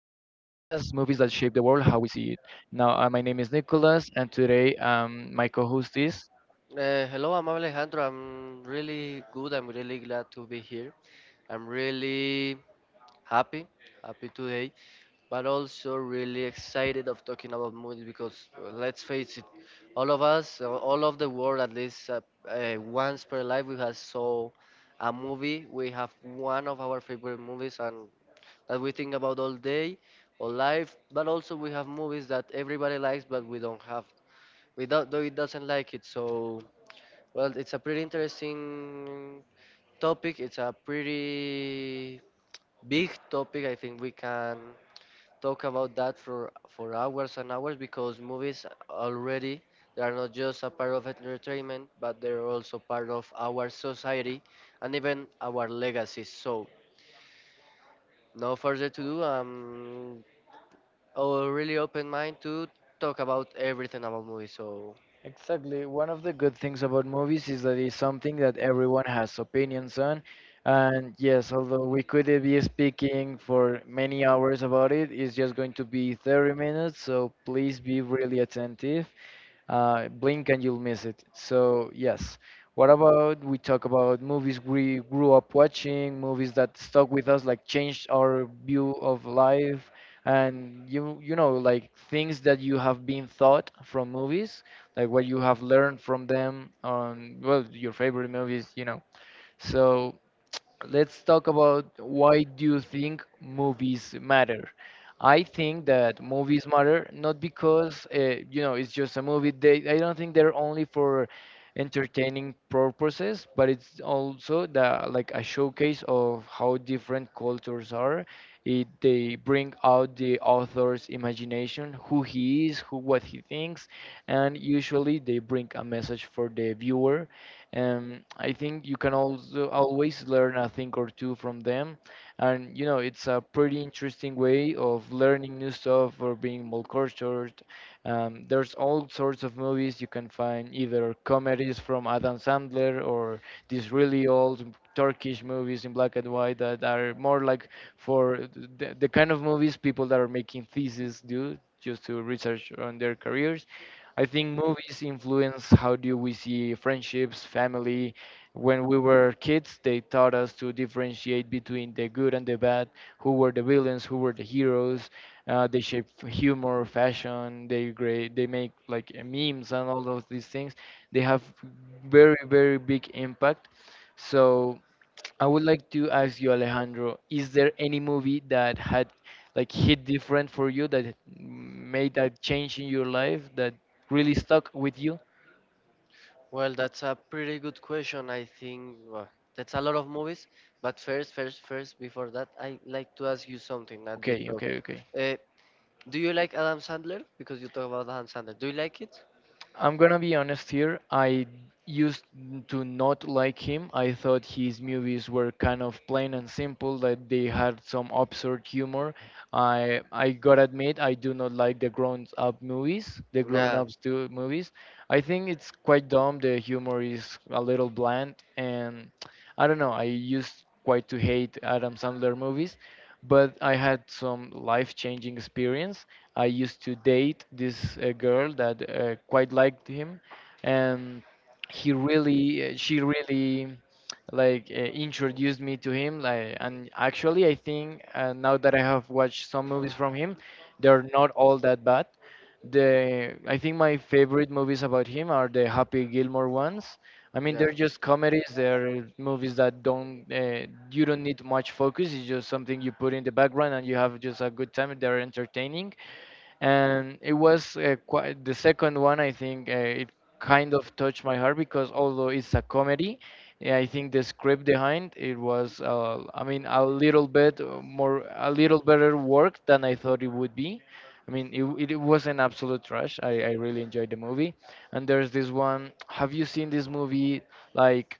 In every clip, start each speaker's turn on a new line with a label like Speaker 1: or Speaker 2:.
Speaker 1: Movies That Shape the World, How We See It. Now, my name is Nicholas, and today my co host is.
Speaker 2: Hello, I'm Alejandro. I'm really good. I'm really glad to be here. I'm really happy, happy today, but also really excited of talking about movies because let's face it, all of us, all of the world, at least once per life, we have saw a movie. We have one of our favorite movies and that we think about all day, all life. But also we have movies that everybody likes, but we don't have, we don't, it doesn't like it. So. Well, it's a pretty interesting topic. It's a pretty big topic. I think we can talk about that for hours and hours because movies already they are not just a part of entertainment, but they're also part of our society and even our legacy. So, no further to do. I'm a really open mind to talk about everything about movies. So,
Speaker 1: Exactly. One of the good things about movies is that it's something that everyone has opinions on. And yes, although we could be speaking for many hours about it, it's just going to be 30 minutes. So please be really attentive. Blink and you'll miss it. So, yes. What about we talk about movies we grew up watching, movies that stuck with us, like changed our view of life, and like things that you have been taught from movies, like what you have learned from them on, well, your favorite movies. So let's talk about, why do you think movies matter? I think that movies matter not because, it's just a movie. They I don't think they're only for entertaining purposes, but it's also the like a showcase of how different cultures are. They bring out the author's imagination, who he is, who what he thinks, and usually they bring a message for the viewer. I think you can also always learn a thing or two from them, and it's a pretty interesting way of learning new stuff or being more cultured. There's all sorts of movies you can find, either comedies from Adam Sandler or these really old Turkish movies in black and white that are more like for the kind of movies people that are making theses do just to research on their careers. I think movies influence how do we see friendships, family. When we were kids, they taught us to differentiate between the good and the bad, who were the villains, who were the heroes. They shape humor, fashion. They great. They make like memes and all of these things. They have very very big impact. So I would like to ask you, Alejandro, is there any movie that had like hit different for you, that made that change in your life, that really stuck with you?
Speaker 2: well, that's a pretty good question. I think well, that's a lot of movies. But before that, I like to ask you something that you
Speaker 1: Okay,
Speaker 2: talk.
Speaker 1: okay, okay.
Speaker 2: Uh, do you like Adam Sandler? Because you talk about Adam Sandler. Do you like it?
Speaker 1: I'm gonna be honest here. I used to not like him. I thought his movies were kind of plain and simple, that they had some absurd humor. I gotta admit, I do not like the grown-up movies, the Yeah.
Speaker 2: Yeah,
Speaker 1: grown-ups do movies. I think it's quite dumb. The humor is a little bland, and I don't know. I used quite to hate Adam Sandler movies, but I had some life-changing experience. I used to date this girl that quite liked him, and she really, like introduced me to him. Like, and actually, I think now that I have watched some movies from him, they're not all that bad. The I think my favorite movies about him are the Happy Gilmore ones. I mean,
Speaker 2: yeah.
Speaker 1: they're just comedies. They're movies that don't you don't need much focus. It's just something you put in the background and you have just a good time. They're entertaining, and it was quite the second one. I think it kind of touched my heart because although it's a comedy, yeah, I think the script behind it was, I mean, a little bit more a little better work than I thought it would be. I mean it was an absolute trash. I really enjoyed the movie. And there's this one, have you seen this movie, like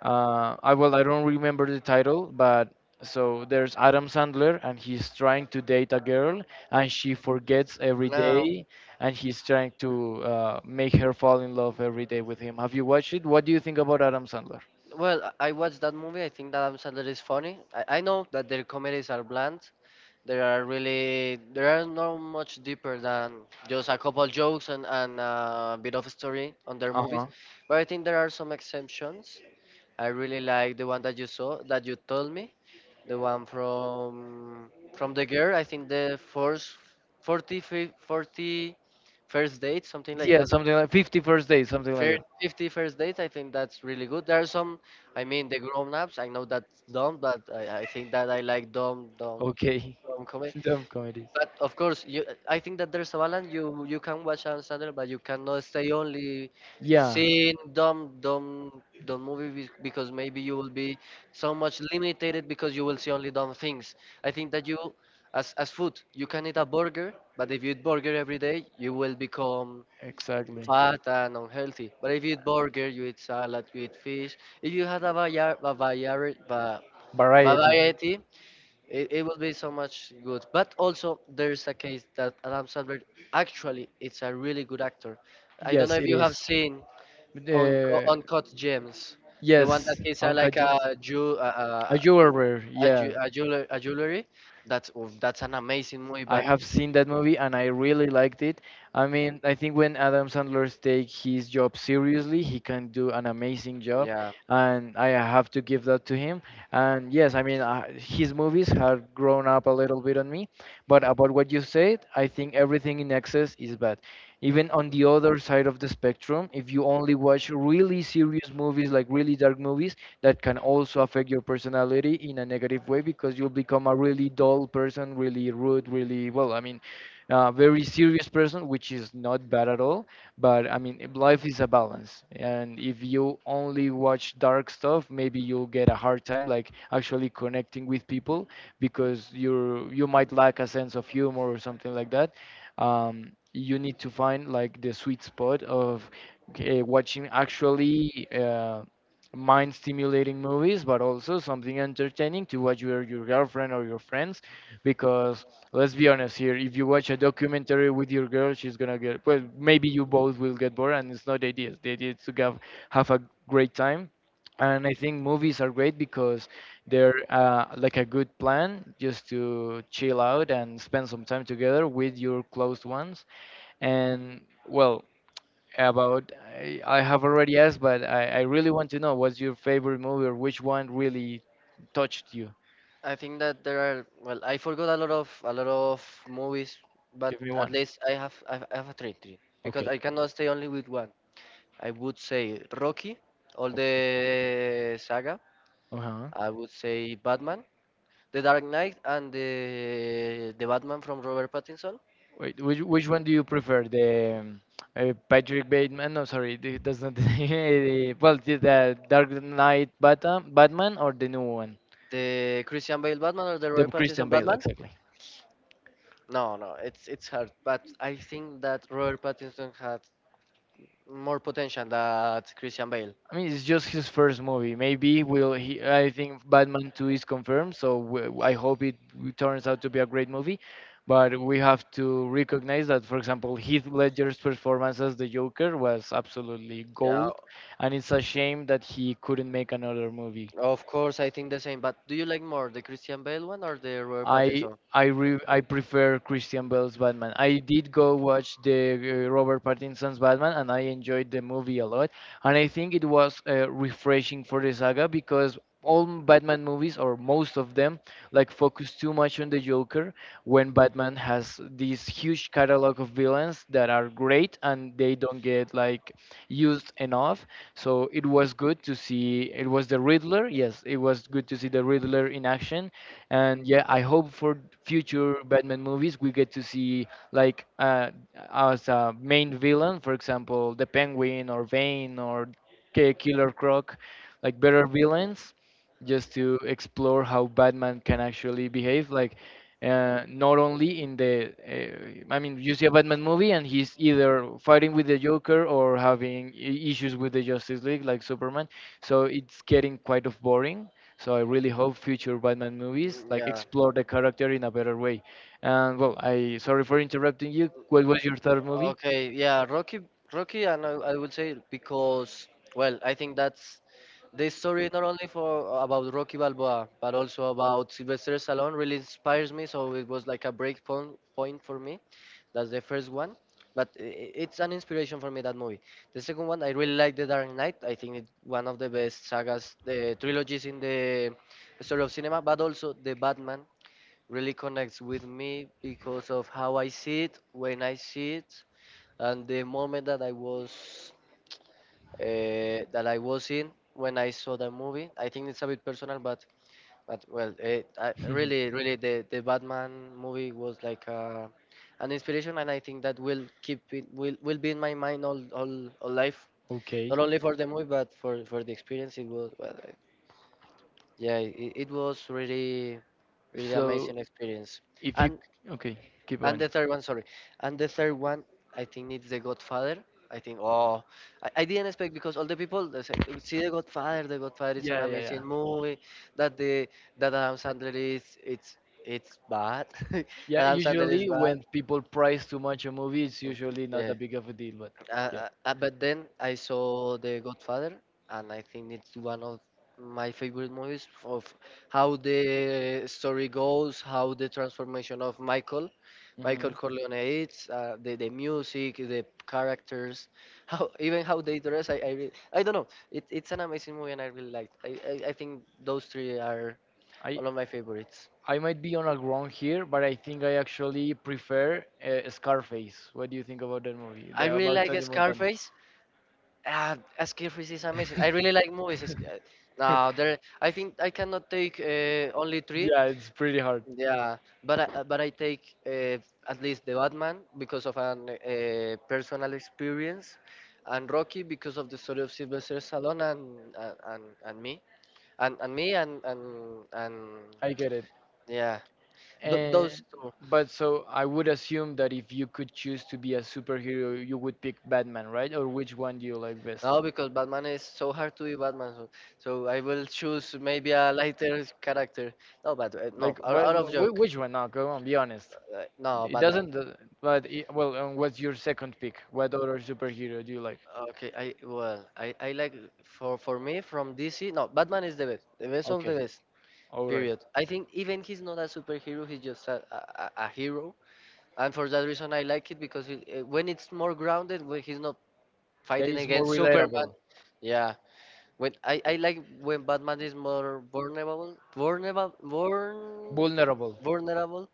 Speaker 1: I well, I don't remember the title, but so there's Adam Sandler, and he's trying to date a girl, and she forgets every
Speaker 2: No.
Speaker 1: day, and he's trying to make her fall in love every day with him. Have you watched it? What do you think about Adam Sandler?
Speaker 2: Well, I watched that movie. I think that Adam Sandler is funny. I know that their comedies are bland. They are really they are not much deeper than just a couple jokes and a bit of story on their
Speaker 1: Uh
Speaker 2: movies.
Speaker 1: huh.
Speaker 2: But I think there are some exceptions. I really like the one that you saw, that you told me, the one from the girl. I think the first 40 first date, something like
Speaker 1: Yeah,
Speaker 2: that.
Speaker 1: something like 51st day, something like that.
Speaker 2: 50 first dates. I think that's really good. There are some. I mean, the grown ups. I know that's dumb, but I think that I like
Speaker 1: Okay.
Speaker 2: dumb comedy.
Speaker 1: Dumb comedy.
Speaker 2: But of course, you, I think that there's a balance. You can watch on Sandler, but you cannot stay only
Speaker 1: Yeah.
Speaker 2: seeing dumb movie because maybe you will be so much limited because you will see only dumb things. I think that you, as food, you can eat a burger, but if you eat burger every day, you will become
Speaker 1: Exactly.
Speaker 2: fat and unhealthy. But if you eat burger, you eat salad, you eat fish. If you had a
Speaker 1: Variety.
Speaker 2: variety it will be so much good. But also, there's a case that Adam Sandler actually it's a really good actor. I don't know
Speaker 1: Yes,
Speaker 2: if
Speaker 1: it
Speaker 2: you
Speaker 1: is.
Speaker 2: have seen on
Speaker 1: The
Speaker 2: Uncut Gems, the
Speaker 1: yes,
Speaker 2: one that is
Speaker 1: Uncle
Speaker 2: like
Speaker 1: James.
Speaker 2: a
Speaker 1: A jeweler. Yeah,
Speaker 2: jeweler, a jewelry. That's an amazing movie.
Speaker 1: I
Speaker 2: But
Speaker 1: have seen that movie and I really liked it. I mean, I think when Adam Sandler takes his job seriously, he can do an amazing job,
Speaker 2: yeah,
Speaker 1: and I have to give that to him. And yes, I mean, his movies have grown up a little bit on me, but about what you said, I think everything in excess is bad. Even on the other side of the spectrum, if you only watch really serious movies, like really dark movies, that can also affect your personality in a negative way, because you'll become a really dull person, really rude, really, well, I mean, very serious person, which is not bad at all. But I mean, life is a balance, and if you only watch dark stuff, maybe you'll get a hard time like actually connecting with people because you might lack a sense of humor or something like that. You need to find like the sweet spot of watching, actually. Mind stimulating movies, but also something entertaining to watch with your girlfriend or your friends, because let's be honest here, if you watch a documentary with your girl, she's gonna get, well, maybe you both will get bored, and it's not the idea. The idea is to have a great time. And I think movies are great because they're, like a good plan just to chill out and spend some time together with your close ones. And, well, about I have already asked, but I really want to know what's your favorite movie or which one really touched you.
Speaker 2: I think that there are. Well, I forgot a lot of movies, but
Speaker 1: Give me
Speaker 2: at
Speaker 1: one.
Speaker 2: least I have a three because
Speaker 1: Okay.
Speaker 2: I cannot stay only with one. I would say Rocky, all the saga.
Speaker 1: Uh-huh.
Speaker 2: I would say Batman, The Dark Knight, and the Batman from Robert Pattinson,
Speaker 1: Wait, which one do you prefer? The Patrick Bateman? No, sorry, that's not the name. Well, the Dark Knight Batman or the new one?
Speaker 2: the Christian Bale Batman or the
Speaker 1: The
Speaker 2: Robert Pattinson
Speaker 1: Christian Bale,
Speaker 2: Batman.
Speaker 1: exactly.
Speaker 2: No, no, It's hard, but I think that Robert Pattinson had more potential than Christian Bale.
Speaker 1: I mean, it's just his first movie. Maybe will he? I think Batman Two is confirmed, so I hope it turns out to be a great movie. But we have to recognize that, for example, Heath Ledger's performance as the Joker was absolutely
Speaker 2: Yeah,
Speaker 1: gold, and it's a shame that he couldn't make another movie.
Speaker 2: of course, I think the same. But do you like more the Christian Bale one or the Robert
Speaker 1: I
Speaker 2: Pattinson?
Speaker 1: I prefer Christian Bale's Batman. I did go watch the Robert Pattinson's Batman, and I enjoyed the movie a lot. And I think it was refreshing for the saga because all Batman movies, or most of them, like focus too much on the Joker, when Batman has this huge catalog of villains that are great and they don't get like used enough. So it was good to see. It was the Riddler. Yes, it was good to see the Riddler in action. And yeah, I hope for future Batman movies we get to see, like as a main villain, for example, the Penguin or Vane or Killer Croc, like better villains, just to explore how Batman can actually behave. Like, not only in the, I mean, you see a Batman movie and he's either fighting with the Joker or having issues with the Justice League, like Superman. So it's getting quite of boring. So I really hope future Batman movies
Speaker 2: Mm,
Speaker 1: like
Speaker 2: yeah.
Speaker 1: explore the character in a better way. And, well, I sorry for interrupting you. What was your third movie?
Speaker 2: Okay, yeah, Rocky, and I would say because, well, I think that's the story not only for about Rocky Balboa, but also about Sylvester Stallone really inspires me. So it was like a point for me. That's the first one, but it's an inspiration for me that movie. The second one, I really like The Dark Knight. I think it's one of the best sagas, the trilogies in the story of cinema, but also the Batman really connects with me because of how I see it, when I see it, and the moment that I was in when I saw the movie. I think it's a bit personal, but well, really, the Batman movie was like an inspiration, and I think that will keep it will be in my mind all life.
Speaker 1: Okay.
Speaker 2: Not only for the movie, but for the experience. It was well, eh, yeah, it was really
Speaker 1: So
Speaker 2: amazing experience.
Speaker 1: if you
Speaker 2: And
Speaker 1: Okay, keep
Speaker 2: And
Speaker 1: on.
Speaker 2: the third one, sorry. And the third one, I think it's The Godfather. I think, oh, I didn't expect because all the people they say, see The Godfather. The Godfather is an
Speaker 1: Yeah, yeah, yeah.
Speaker 2: amazing movie. That the that Adam Sandler is it's bad.
Speaker 1: Yeah,
Speaker 2: Adam Sandler is
Speaker 1: usually
Speaker 2: bad.
Speaker 1: when people price too much a movie, it's usually not
Speaker 2: Yeah,
Speaker 1: that big of a deal, but yeah.
Speaker 2: but then I saw The Godfather, and I think it's one of my favorite movies of how the story goes, how the transformation of
Speaker 1: Hmm.
Speaker 2: Michael Corleone is, the music, the characters, how even how they dress. I don't know. It's an amazing movie, and I really liked. I think those three are
Speaker 1: I
Speaker 2: all of my favorites.
Speaker 1: I might be on a ground here, but I think I actually prefer Scarface. What do you think about that movie?
Speaker 2: I really
Speaker 1: About
Speaker 2: like
Speaker 1: Tony Montana.
Speaker 2: Scarface. Ah, Skill Freeze is amazing. I really like movies. Now there, I think I cannot take only three.
Speaker 1: Yeah, it's pretty hard.
Speaker 2: Yeah, but but I take at least the Batman because of an personal experience, and Rocky because of the story of Sylvester Stallone and and me and and me and and and
Speaker 1: I get it.
Speaker 2: yeah, those
Speaker 1: And
Speaker 2: two.
Speaker 1: but so I would assume that if you could choose to be a superhero, you would pick Batman, right? Or which one do you like best?
Speaker 2: No, because Batman is so hard to be Batman. So, so I will choose maybe a lighter character. No, but no,
Speaker 1: Like,
Speaker 2: out,
Speaker 1: what,
Speaker 2: out of joke.
Speaker 1: which one? Now, come on, be honest.
Speaker 2: No,
Speaker 1: It
Speaker 2: Batman.
Speaker 1: doesn't. But what's your second pick? What other superhero do you like?
Speaker 2: Okay, I well, I like for me from DC. No, Batman is the best of the
Speaker 1: Okay,
Speaker 2: best.
Speaker 1: all right.
Speaker 2: Period. I think even he's not a superhero, he's just a hero, and for that reason I like it because when it's more grounded, when he's not
Speaker 1: That
Speaker 2: fighting
Speaker 1: is more
Speaker 2: against Superman.
Speaker 1: relatable,
Speaker 2: Yeah, when I like when Batman is more
Speaker 1: vulnerable.
Speaker 2: vulnerable,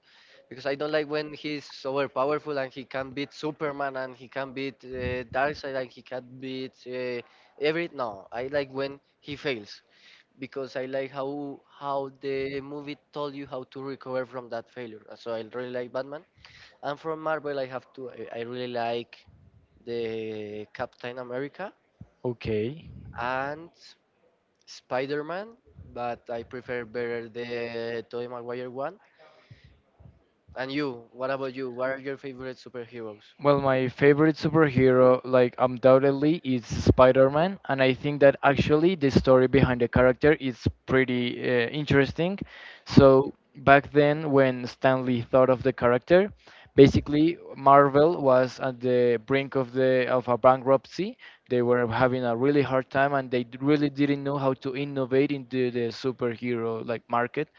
Speaker 2: because I don't like when he's over powerful and he can beat Superman and he can beat Darkseid and he can beat every. No, I like when he fails because I like how the movie told you how to recover from that failure. So I really like Batman, and from Marvel I have to I really like the Captain America
Speaker 1: Okay.
Speaker 2: and Spider-Man, but I prefer better the Tobey Maguire one. And you, what about you? What are your favorite superheroes?
Speaker 1: Well, my favorite superhero, like undoubtedly, is Spider-Man, and I think that actually the story behind the character is pretty interesting. So back then, when Stanley thought of the character, basically Marvel was at the brink of the of a bankruptcy. They were having a really hard time, and they really didn't know how to innovate into the superhero like market,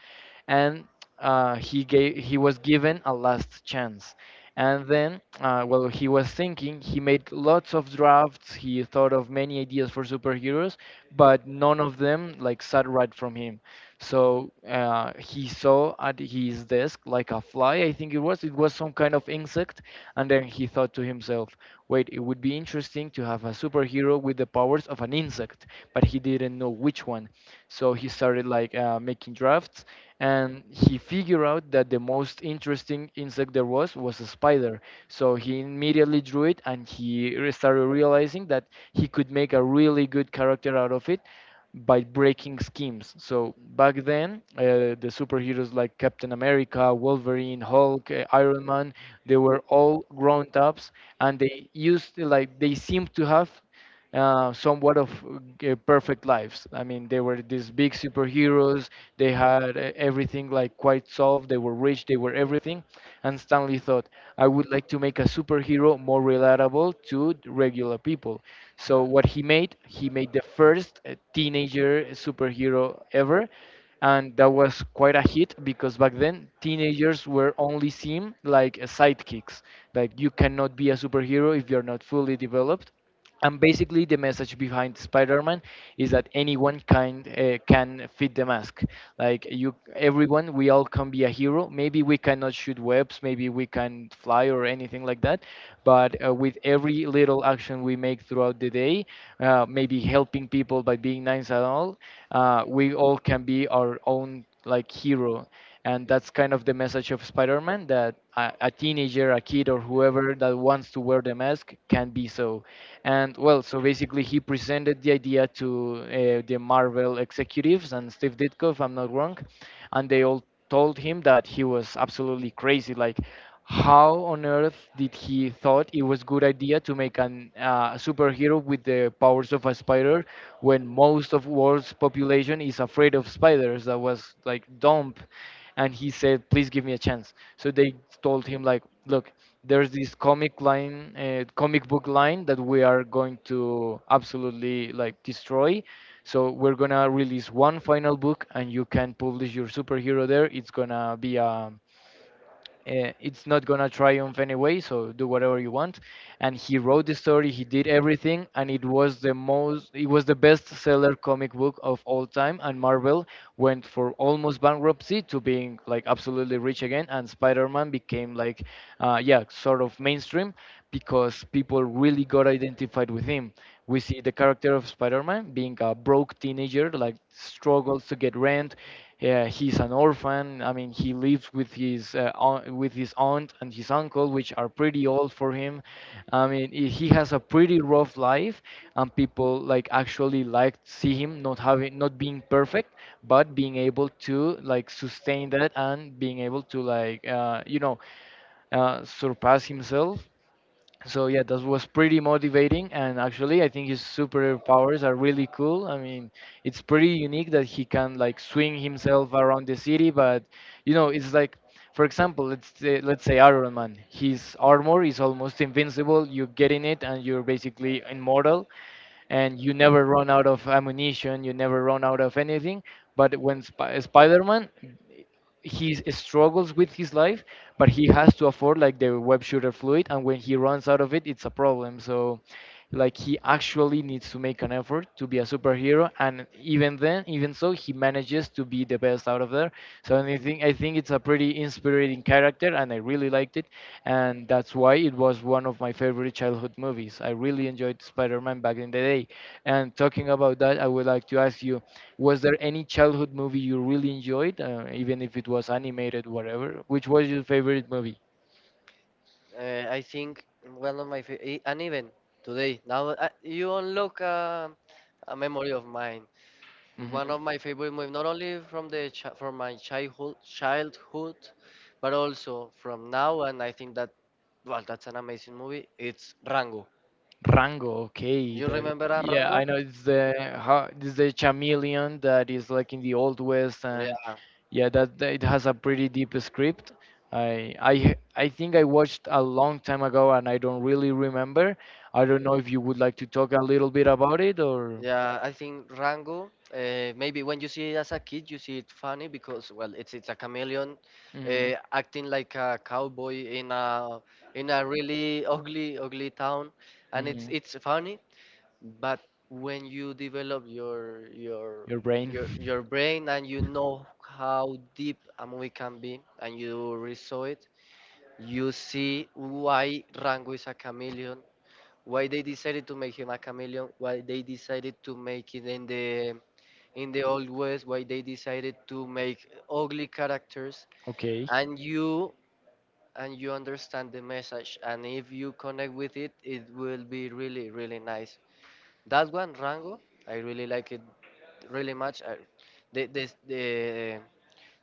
Speaker 1: and he was given a last chance. And then, while he was thinking, he made lots of drafts. He thought of many ideas for superheroes, but none of them like sat right from him. So he saw at his desk like a fly, I think it was. It was some kind of insect, and then he thought to himself, "Wait, it would be interesting to have a superhero with the powers of an insect." But he didn't know which one, so he started making drafts, and he figured out that the most interesting insect there was a spider. So he immediately drew it, and he started realizing that he could make a really good character out of it by breaking schemes. So back then, the superheroes like Captain America, Wolverine, Hulk, Iron Man, they were all grown ups, and they used like they seemed to have somewhat of perfect lives. I mean, they were these big superheroes. They had everything like quite solved. They were rich. They were everything. And Stanley thought, I would like to make a superhero more relatable to regular people. So what he made the first teenager superhero ever, and that was quite a hit because back then teenagers were only seen like sidekicks. Like you cannot be a superhero if you're not fully developed, and basically, the message behind Spider-Man is that anyone kind can fit the mask. Like everyone, we all can be a hero. Maybe we cannot shoot webs, maybe we can fly or anything like that. But with every little action we make throughout the day, maybe helping people by being nice and all, we all can be our own like hero, and that's kind of the message of Spider-Man, that a teenager, a kid, or whoever that wants to wear the mask can be so. And well, so basically he presented the idea to the Marvel executives and Steve Ditko, if I'm not wrong, and they all told him that he was absolutely crazy, like how on earth did he thought it was good idea to make an superhero with the powers of a spider when most of world's population is afraid of spiders. That was like dumb. And he said, please give me a chance. So they told him like, look, there's this comic book line that we are going to absolutely like destroy, so we're gonna release one final book and you can publish your superhero there. It's gonna be a it's not gonna triumph anyway, so do whatever you want. And he wrote the story, he did everything, and it was the best seller comic book of all time, and Marvel went for almost bankruptcy to being like absolutely rich again. And Spider-Man became like yeah, sort of mainstream because people really got identified with him. We see the character of Spider-Man being a broke teenager like struggles to get rent. Yeah, he's an orphan. I mean, he lives with his with his aunt and his uncle, which are pretty old for him. I mean, he has a pretty rough life, and people like actually like see him not being perfect, but being able to like sustain that and being able to like surpass himself. So yeah, that was pretty motivating. And actually I think his superpowers are really cool. I mean, it's pretty unique that he can like swing himself around the city. But you know, it's like, for example, let's say Iron Man, his armor is almost invincible. You get in it and you're basically immortal, and you never run out of ammunition, you never run out of anything. But when Spider-Man, he struggles with his life, but he has to afford like the web shooter fluid, and when he runs out of it, it's a problem. So, like he actually needs to make an effort to be a superhero, and even then, even so, he manages to be the best out of there. So, and I think it's a pretty inspiring character, and I really liked it, and that's why it was one of my favorite childhood movies. I really enjoyed Spider-Man back in the day. And talking about that, I would like to ask you, was there any childhood movie you really enjoyed, even if it was animated, whatever? Which was your favorite movie?
Speaker 2: I think one of and even today now you unlock a memory of mine. One
Speaker 1: Hmm.
Speaker 2: of my favorite movies, not only from from my childhood, but also from now. And I think that well, that's an amazing movie. It's Rango.
Speaker 1: Rango, okay,
Speaker 2: You remember
Speaker 1: yeah, I
Speaker 2: Rango?
Speaker 1: know it's the, how it's the chameleon that is like in the old west and
Speaker 2: Yeah.
Speaker 1: yeah, that it has a pretty deep script. I think I watched a long time ago and I don't really remember. I don't know if you would like to talk a little bit about it or.
Speaker 2: Yeah, I think Rango. Maybe when you see it as a kid, you see it funny because well, it's a chameleon
Speaker 1: Hmm.
Speaker 2: acting like a cowboy in a really ugly town, and
Speaker 1: Hmm.
Speaker 2: it's funny. But when you develop
Speaker 1: Your brain.
Speaker 2: your brain and you know how deep a movie can be, and you resaw it, you see why Rango is a chameleon, why they decided to make him a chameleon, why they decided to make it in the old west, why they decided to make ugly characters,
Speaker 1: Okay.
Speaker 2: and you understand the message, and if you connect with it, it will be really nice. That one, Rango, I really like it really much. I, the, the, the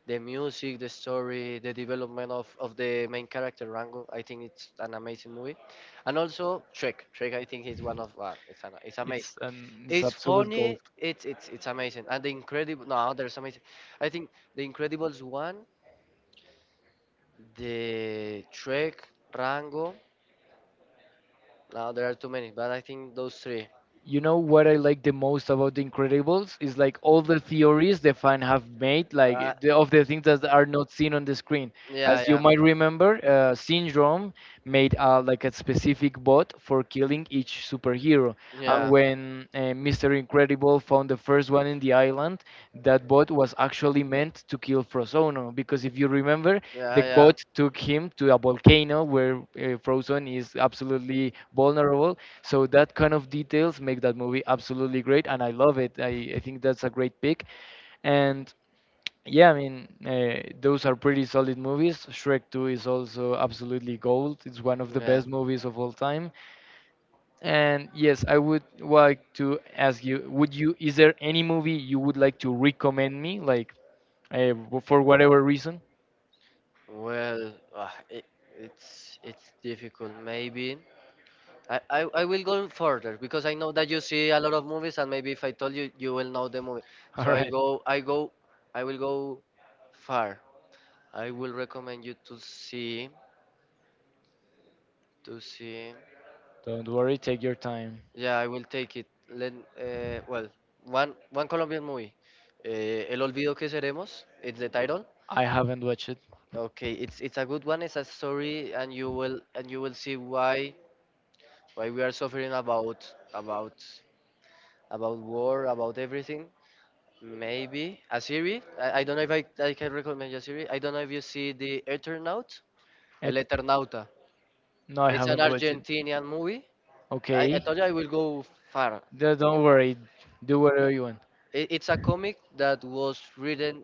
Speaker 2: the music, the story, the development of the main character Rango. I think it's an amazing movie, and also Shrek. Shrek, I think, is one of it's amazing.
Speaker 1: It's an, it's
Speaker 2: It's
Speaker 1: absolute gold.
Speaker 2: funny. It's amazing, and the incredible. No, there's amazing. I think the Incredibles one, the Shrek, Rango. Now there are too many, but I think those three.
Speaker 1: You know what I like the most about The Incredibles is like all the theories the fan have made,
Speaker 2: Uh,
Speaker 1: like of the things that are not seen on the screen. As
Speaker 2: yeah,
Speaker 1: you
Speaker 2: yeah,
Speaker 1: might remember, Syndrome made like a specific bot for killing each superhero, and
Speaker 2: yeah,
Speaker 1: when Mister Incredible found the first one in the island, that bot was actually meant to kill Frozono because if you remember,
Speaker 2: yeah,
Speaker 1: the
Speaker 2: yeah,
Speaker 1: boat took him to a volcano where Frozen is absolutely vulnerable. So that kind of details make that movie absolutely great, and I love it. I think that's a great pick. And yeah, I mean, those are pretty solid movies. Shrek 2 is also absolutely gold. It's one of the
Speaker 2: yeah.
Speaker 1: best movies of all time. And yes, I would like to ask you, would you, is there any movie you would like to recommend me, like uh, for whatever reason?
Speaker 2: Well, it's difficult. Maybe I will go further because I know that you see a lot of movies, and maybe if I told you, you will know the movie.
Speaker 1: All
Speaker 2: So
Speaker 1: right.
Speaker 2: I will go far. I will recommend you to see to see.
Speaker 1: Don't worry, take your time.
Speaker 2: Yeah, I will take it. Let well one Colombian movie. Eh, El olvido que seremos. It's the title.
Speaker 1: I haven't watched it.
Speaker 2: Okay, it's a good one. It's a story, and you will see why we are suffering about about war about everything. Maybe a series, I don't know if I can recommend you a series. I don't know if you see the Eternaut.
Speaker 1: It,
Speaker 2: El Eternauta.
Speaker 1: no, I
Speaker 2: It's an
Speaker 1: haven't watched it.
Speaker 2: Argentinian movie. I
Speaker 1: Okay.
Speaker 2: told you I will go far.
Speaker 1: Don't worry. Do whatever you want.
Speaker 2: It's a comic that was written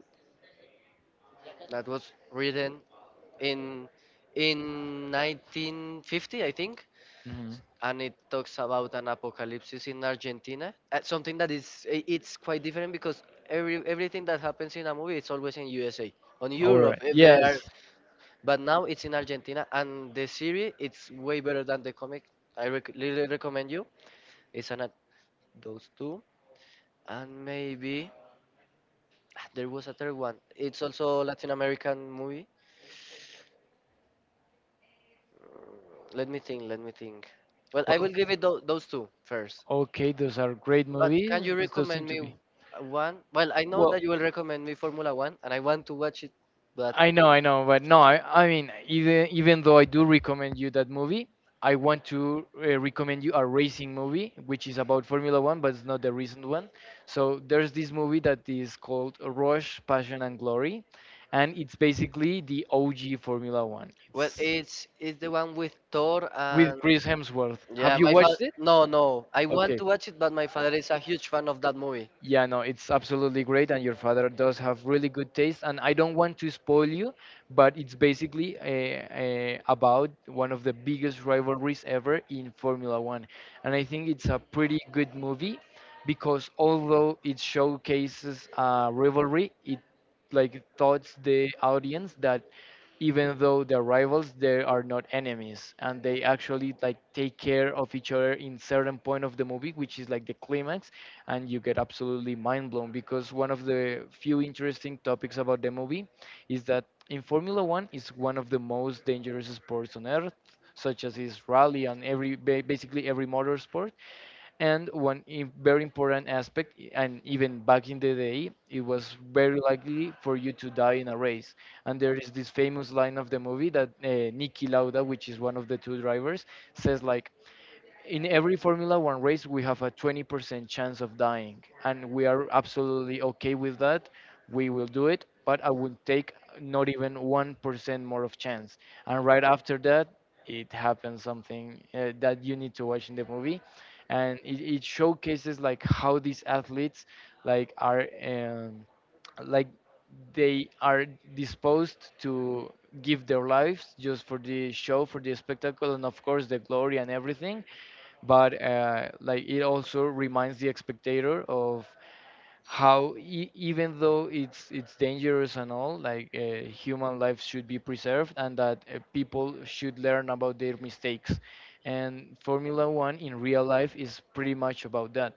Speaker 2: that was written in 1950 I think,
Speaker 1: Hmm.
Speaker 2: and it talks about an apocalypse in Argentina. Something that it's quite different because everything that happens in a movie it's always in USA, on
Speaker 1: All
Speaker 2: Europe
Speaker 1: right.
Speaker 2: if they
Speaker 1: Yes.
Speaker 2: are, but now it's in Argentina, and the series it's way better than the comic. Really recommend you. It's an those two and maybe ah, there was a third one. It's also Latin American movie. Let me think. Let me think. Well, I
Speaker 1: Well,
Speaker 2: will give those two first.
Speaker 1: okay, those are great
Speaker 2: But
Speaker 1: movies.
Speaker 2: can you
Speaker 1: Those seem
Speaker 2: recommend
Speaker 1: to
Speaker 2: me
Speaker 1: be.
Speaker 2: one? Well, I know
Speaker 1: Well,
Speaker 2: that you will recommend me Formula One, and I want to watch it. But
Speaker 1: I know, but no, I mean, even though I do recommend you that movie, I want to recommend you a racing movie, which is about Formula One, but it's not the recent one. So there's this movie that is called Rush, Passion and Glory, and it's basically the OG Formula One. It's
Speaker 2: well, it's the one with Thor
Speaker 1: with
Speaker 2: and
Speaker 1: Chris Hemsworth. Have
Speaker 2: yeah,
Speaker 1: you
Speaker 2: my father.
Speaker 1: watched it?
Speaker 2: No, no, I want
Speaker 1: Okay.
Speaker 2: to watch it, but my father is a huge fan of that movie.
Speaker 1: Yeah, no, it's absolutely great, and your father does have really good taste. And I don't want to spoil you, but it's basically about one of the biggest rivalries ever in Formula One. And I think it's a pretty good movie because although it showcases a rivalry, it like taught the audience that even though they're rivals, they are not enemies, and they actually like take care of each other in certain point of the movie, which is like the climax. And you get absolutely mind blown because one of the few interesting topics about the movie is that in Formula One is one of the most dangerous sports on earth, such as is rally and every basically every motorsport. And one very important aspect, and even back in the day, it was very likely for you to die in a race. And there is this famous line of the movie that Niki Lauda, which is one of the two drivers, says like, in every Formula One race, we have a 20% chance of dying, and we are absolutely okay with that. We will do it, but I would take not even 1% more of chance. And right after that, it happens something that you need to watch in the movie, and it showcases like how these athletes like are like they are disposed to give their lives just for the show, for the spectacle, and of course the glory and everything. But like it also reminds the spectator of how even though it's dangerous and all, like human life should be preserved, and that people should learn about their mistakes. And formula 1 in real life is pretty much about that.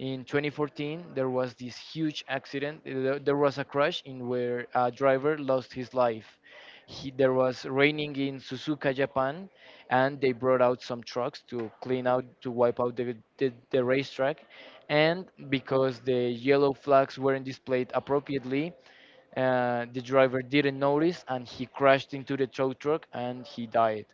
Speaker 1: In 2014, there was this huge accident. There was a crash in where a driver lost his life. There was raining in Suzuka, Japan, and they brought out some trucks to clean out, to wipe out the racetrack. And because the yellow flags weren't displayed appropriately, the driver didn't notice and he crashed into the tow truck and he died.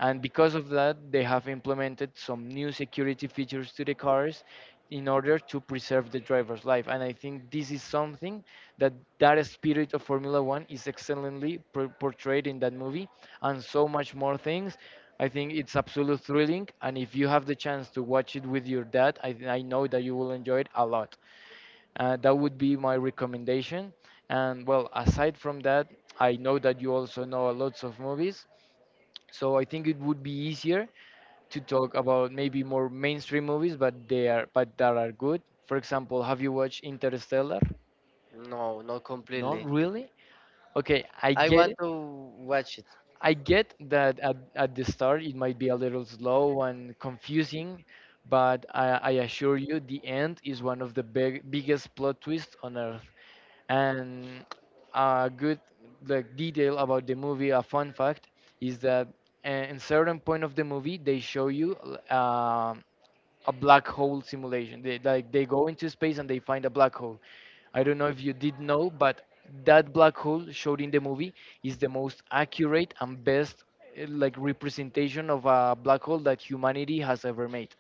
Speaker 1: And because of that, they have implemented some new security features to the cars in order to preserve the driver's life. And I think this is something that, that spirit of formula 1 is excellently portrayed in that movie, and so much more things. I think it's absolutely thrilling, and if you have the chance to watch it with your dad, I know that you will enjoy it a lot. That would be my recommendation. And well, aside from that, I know that you also know lots of movies, so I think it would be easier to talk about maybe more mainstream movies, but they are but that are good. For example, have you watched Interstellar?
Speaker 2: No, not
Speaker 1: Not
Speaker 2: completely.
Speaker 1: really. Okay, I
Speaker 2: I
Speaker 1: get
Speaker 2: want
Speaker 1: it.
Speaker 2: to watch it.
Speaker 1: I get that at the start it might be a little slow and confusing, but I assure you the end is one of the biggest plot twists on earth. And a good like detail about the movie, a fun fact, is that in certain point of the movie they show you a black hole simulation. They go into space and they find a black hole. I don't know if you did know, but that black hole showed in the movie is the most accurate and best like representation of a black hole that humanity has ever made.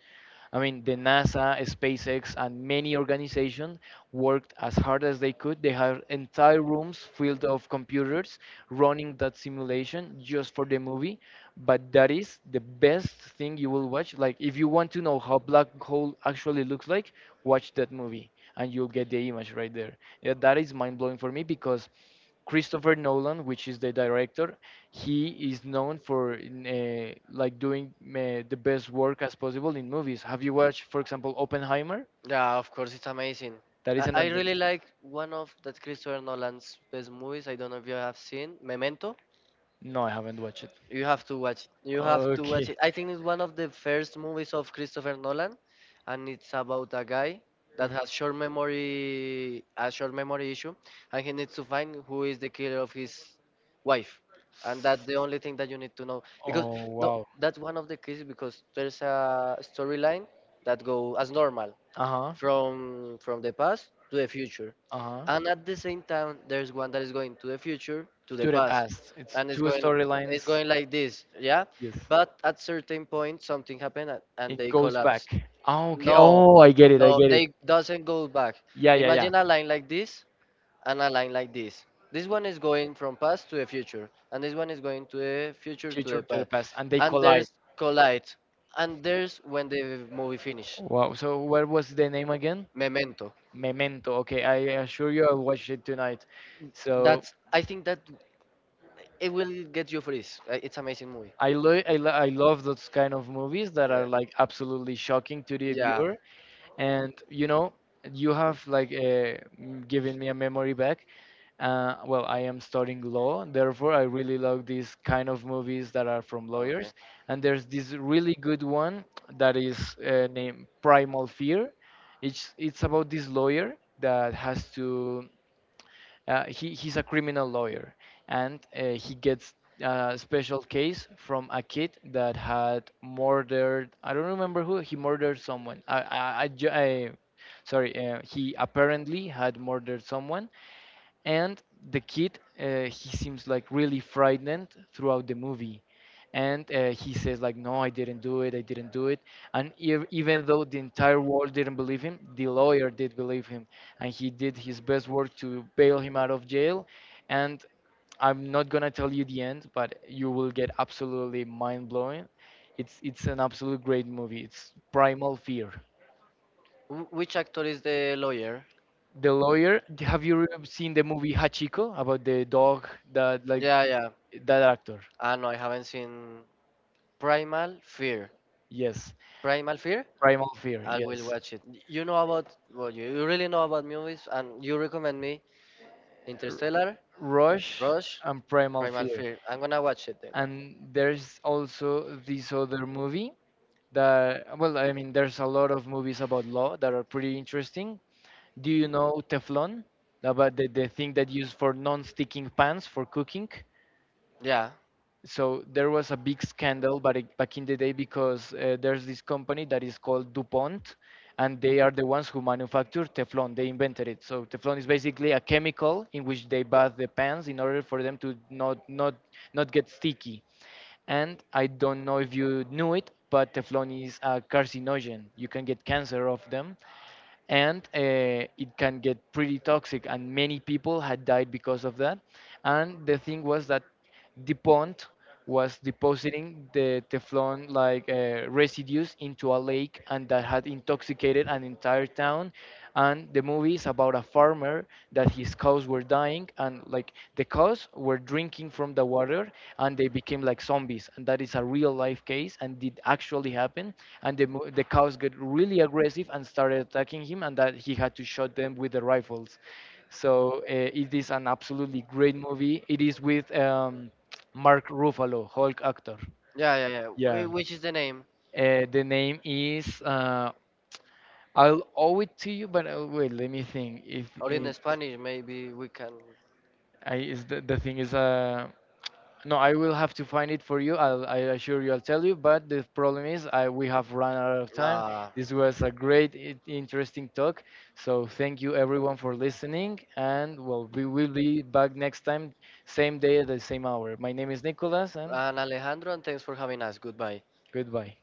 Speaker 1: I mean, the NASA, SpaceX, and many organizations worked as hard as they could. They had entire rooms filled of computers running that simulation just for the movie. But that is the best thing you will watch. Like, if you want to know how black hole actually looks like, watch that movie, and you'll get the image right there. Yeah, that is mind blowing for me because Christopher Nolan, which is the director, he is known for like doing the best work as possible in movies. Have you watched, for example, Oppenheimer?
Speaker 2: Yeah, of course, it's amazing.
Speaker 1: That is an
Speaker 2: I really
Speaker 1: advanced.
Speaker 2: like one of that Christopher Nolan's best movies. I don't know if you have seen Memento.
Speaker 1: No, I haven't watched it.
Speaker 2: You have to watch it. You have to
Speaker 1: Okay.
Speaker 2: watch it. I think it's one of the first movies of Christopher Nolan, and it's about a guy that
Speaker 1: Mhm.
Speaker 2: has short memory, a short memory issue, and he needs to find who is the killer of his wife, and that's the only thing that you need to know. Because
Speaker 1: Oh
Speaker 2: no,
Speaker 1: wow.
Speaker 2: that's one of the cases because there's a storyline that go as normal
Speaker 1: Uh huh.
Speaker 2: from the past to the future,
Speaker 1: Uh huh.
Speaker 2: and at the same time there's one that is going to the future to the
Speaker 1: To the
Speaker 2: past,
Speaker 1: past. It's
Speaker 2: and
Speaker 1: two
Speaker 2: it's
Speaker 1: storylines.
Speaker 2: going like this. Yeah,
Speaker 1: Yes,
Speaker 2: but at certain point something happened, and
Speaker 1: it
Speaker 2: they
Speaker 1: goes back.
Speaker 2: collapse.
Speaker 1: Oh, okay.
Speaker 2: No,
Speaker 1: Oh, I get it. I
Speaker 2: no,
Speaker 1: get it.
Speaker 2: they doesn't go back.
Speaker 1: Yeah, yeah, yeah.
Speaker 2: Imagine a line like this and a line like this. This one is going from past to the future, and this one is going to the future to
Speaker 1: Future
Speaker 2: the
Speaker 1: to the
Speaker 2: past,
Speaker 1: past, and they
Speaker 2: and
Speaker 1: collide.
Speaker 2: there's collide, and there's when the movie finish.
Speaker 1: Wow. So what was the name again?
Speaker 2: Memento.
Speaker 1: Memento. Okay, I assure you, I'll watch it tonight. So
Speaker 2: That's I think that. It will get you freeze. It's amazing movie.
Speaker 1: I love those kind of movies that
Speaker 2: Yeah.
Speaker 1: are like absolutely shocking to the
Speaker 2: Yeah.
Speaker 1: viewer, and you have like given me a memory back. Well, I am studying law, therefore I really love these kind of movies that are from
Speaker 2: Okay.
Speaker 1: lawyers. And there's this really good one that is named Primal Fear. It's about this lawyer that has to he's a criminal lawyer, and he gets a special case from a kid that had murdered. I don't remember who. He murdered someone. I sorry. He apparently had murdered someone, and the kid he seems like really frightened throughout the movie. And he says like no, I didn't do it, I didn't do it. And even though the entire world didn't believe him, the lawyer did believe him, and he did his best work to bail him out of jail. And I'm not gonna tell you the end, but you will get absolutely mind-blowing. It's an absolute great movie. It's Primal Fear.
Speaker 2: Which actor is the lawyer?
Speaker 1: The lawyer. Have you seen the movie Hachiko about the dog that like
Speaker 2: Yeah, yeah.
Speaker 1: that actor?
Speaker 2: Ah, no, I haven't seen Primal Fear.
Speaker 1: Yes.
Speaker 2: Primal Fear?
Speaker 1: Primal Fear.
Speaker 2: I will
Speaker 1: Yes.
Speaker 2: watch it. You know about, well, you really know about movies, and you recommend me
Speaker 1: R-
Speaker 2: Interstellar,
Speaker 1: Rush
Speaker 2: Rush,
Speaker 1: and Primal
Speaker 2: Primal
Speaker 1: Fear.
Speaker 2: Fear. I'm gonna watch it then.
Speaker 1: And there's also this other movie that, well, I mean, there's a lot of movies about law that are pretty interesting. Do you know Teflon? About the thing that used for non-sticking pans for cooking?
Speaker 2: Yeah,
Speaker 1: So there was a big scandal but back in the day, because there's this company that is called DuPont, and they are the ones who manufacture Teflon. They invented it. So Teflon is basically a chemical in which they bath the pans in order for them to not get sticky. And I don't know if you knew it, but Teflon is a carcinogen. You can get cancer of them, and it can get pretty toxic. And many people had died because of that. And the thing was that the pond was depositing the Teflon like residues into a lake, and that had intoxicated an entire town. And the movie is about a farmer that his cows were dying, and like the cows were drinking from the water, and they became like zombies. And that is a real life case, and did actually happen. And the cows got really aggressive and started attacking him, and that he had to shot them with the rifles. So it is an absolutely great movie. It is with Mark Ruffalo, Hulk actor.
Speaker 2: yeah.
Speaker 1: Yeah.
Speaker 2: Which is the name?
Speaker 1: The name is I'll owe it to you, but wait, let me think. If
Speaker 2: Or in
Speaker 1: it,
Speaker 2: Spanish, maybe we can.
Speaker 1: I is the thing is no, I will have to find it for you. I assure you, I'll tell you. But the problem is, I we have run out of time.
Speaker 2: Uh,
Speaker 1: This was a great, interesting talk. So thank you everyone for listening, and well, we will be back next time, same day at the same hour. My name is Nicholas, and
Speaker 2: and Alejandro, and thanks for having us. Goodbye.
Speaker 1: goodbye.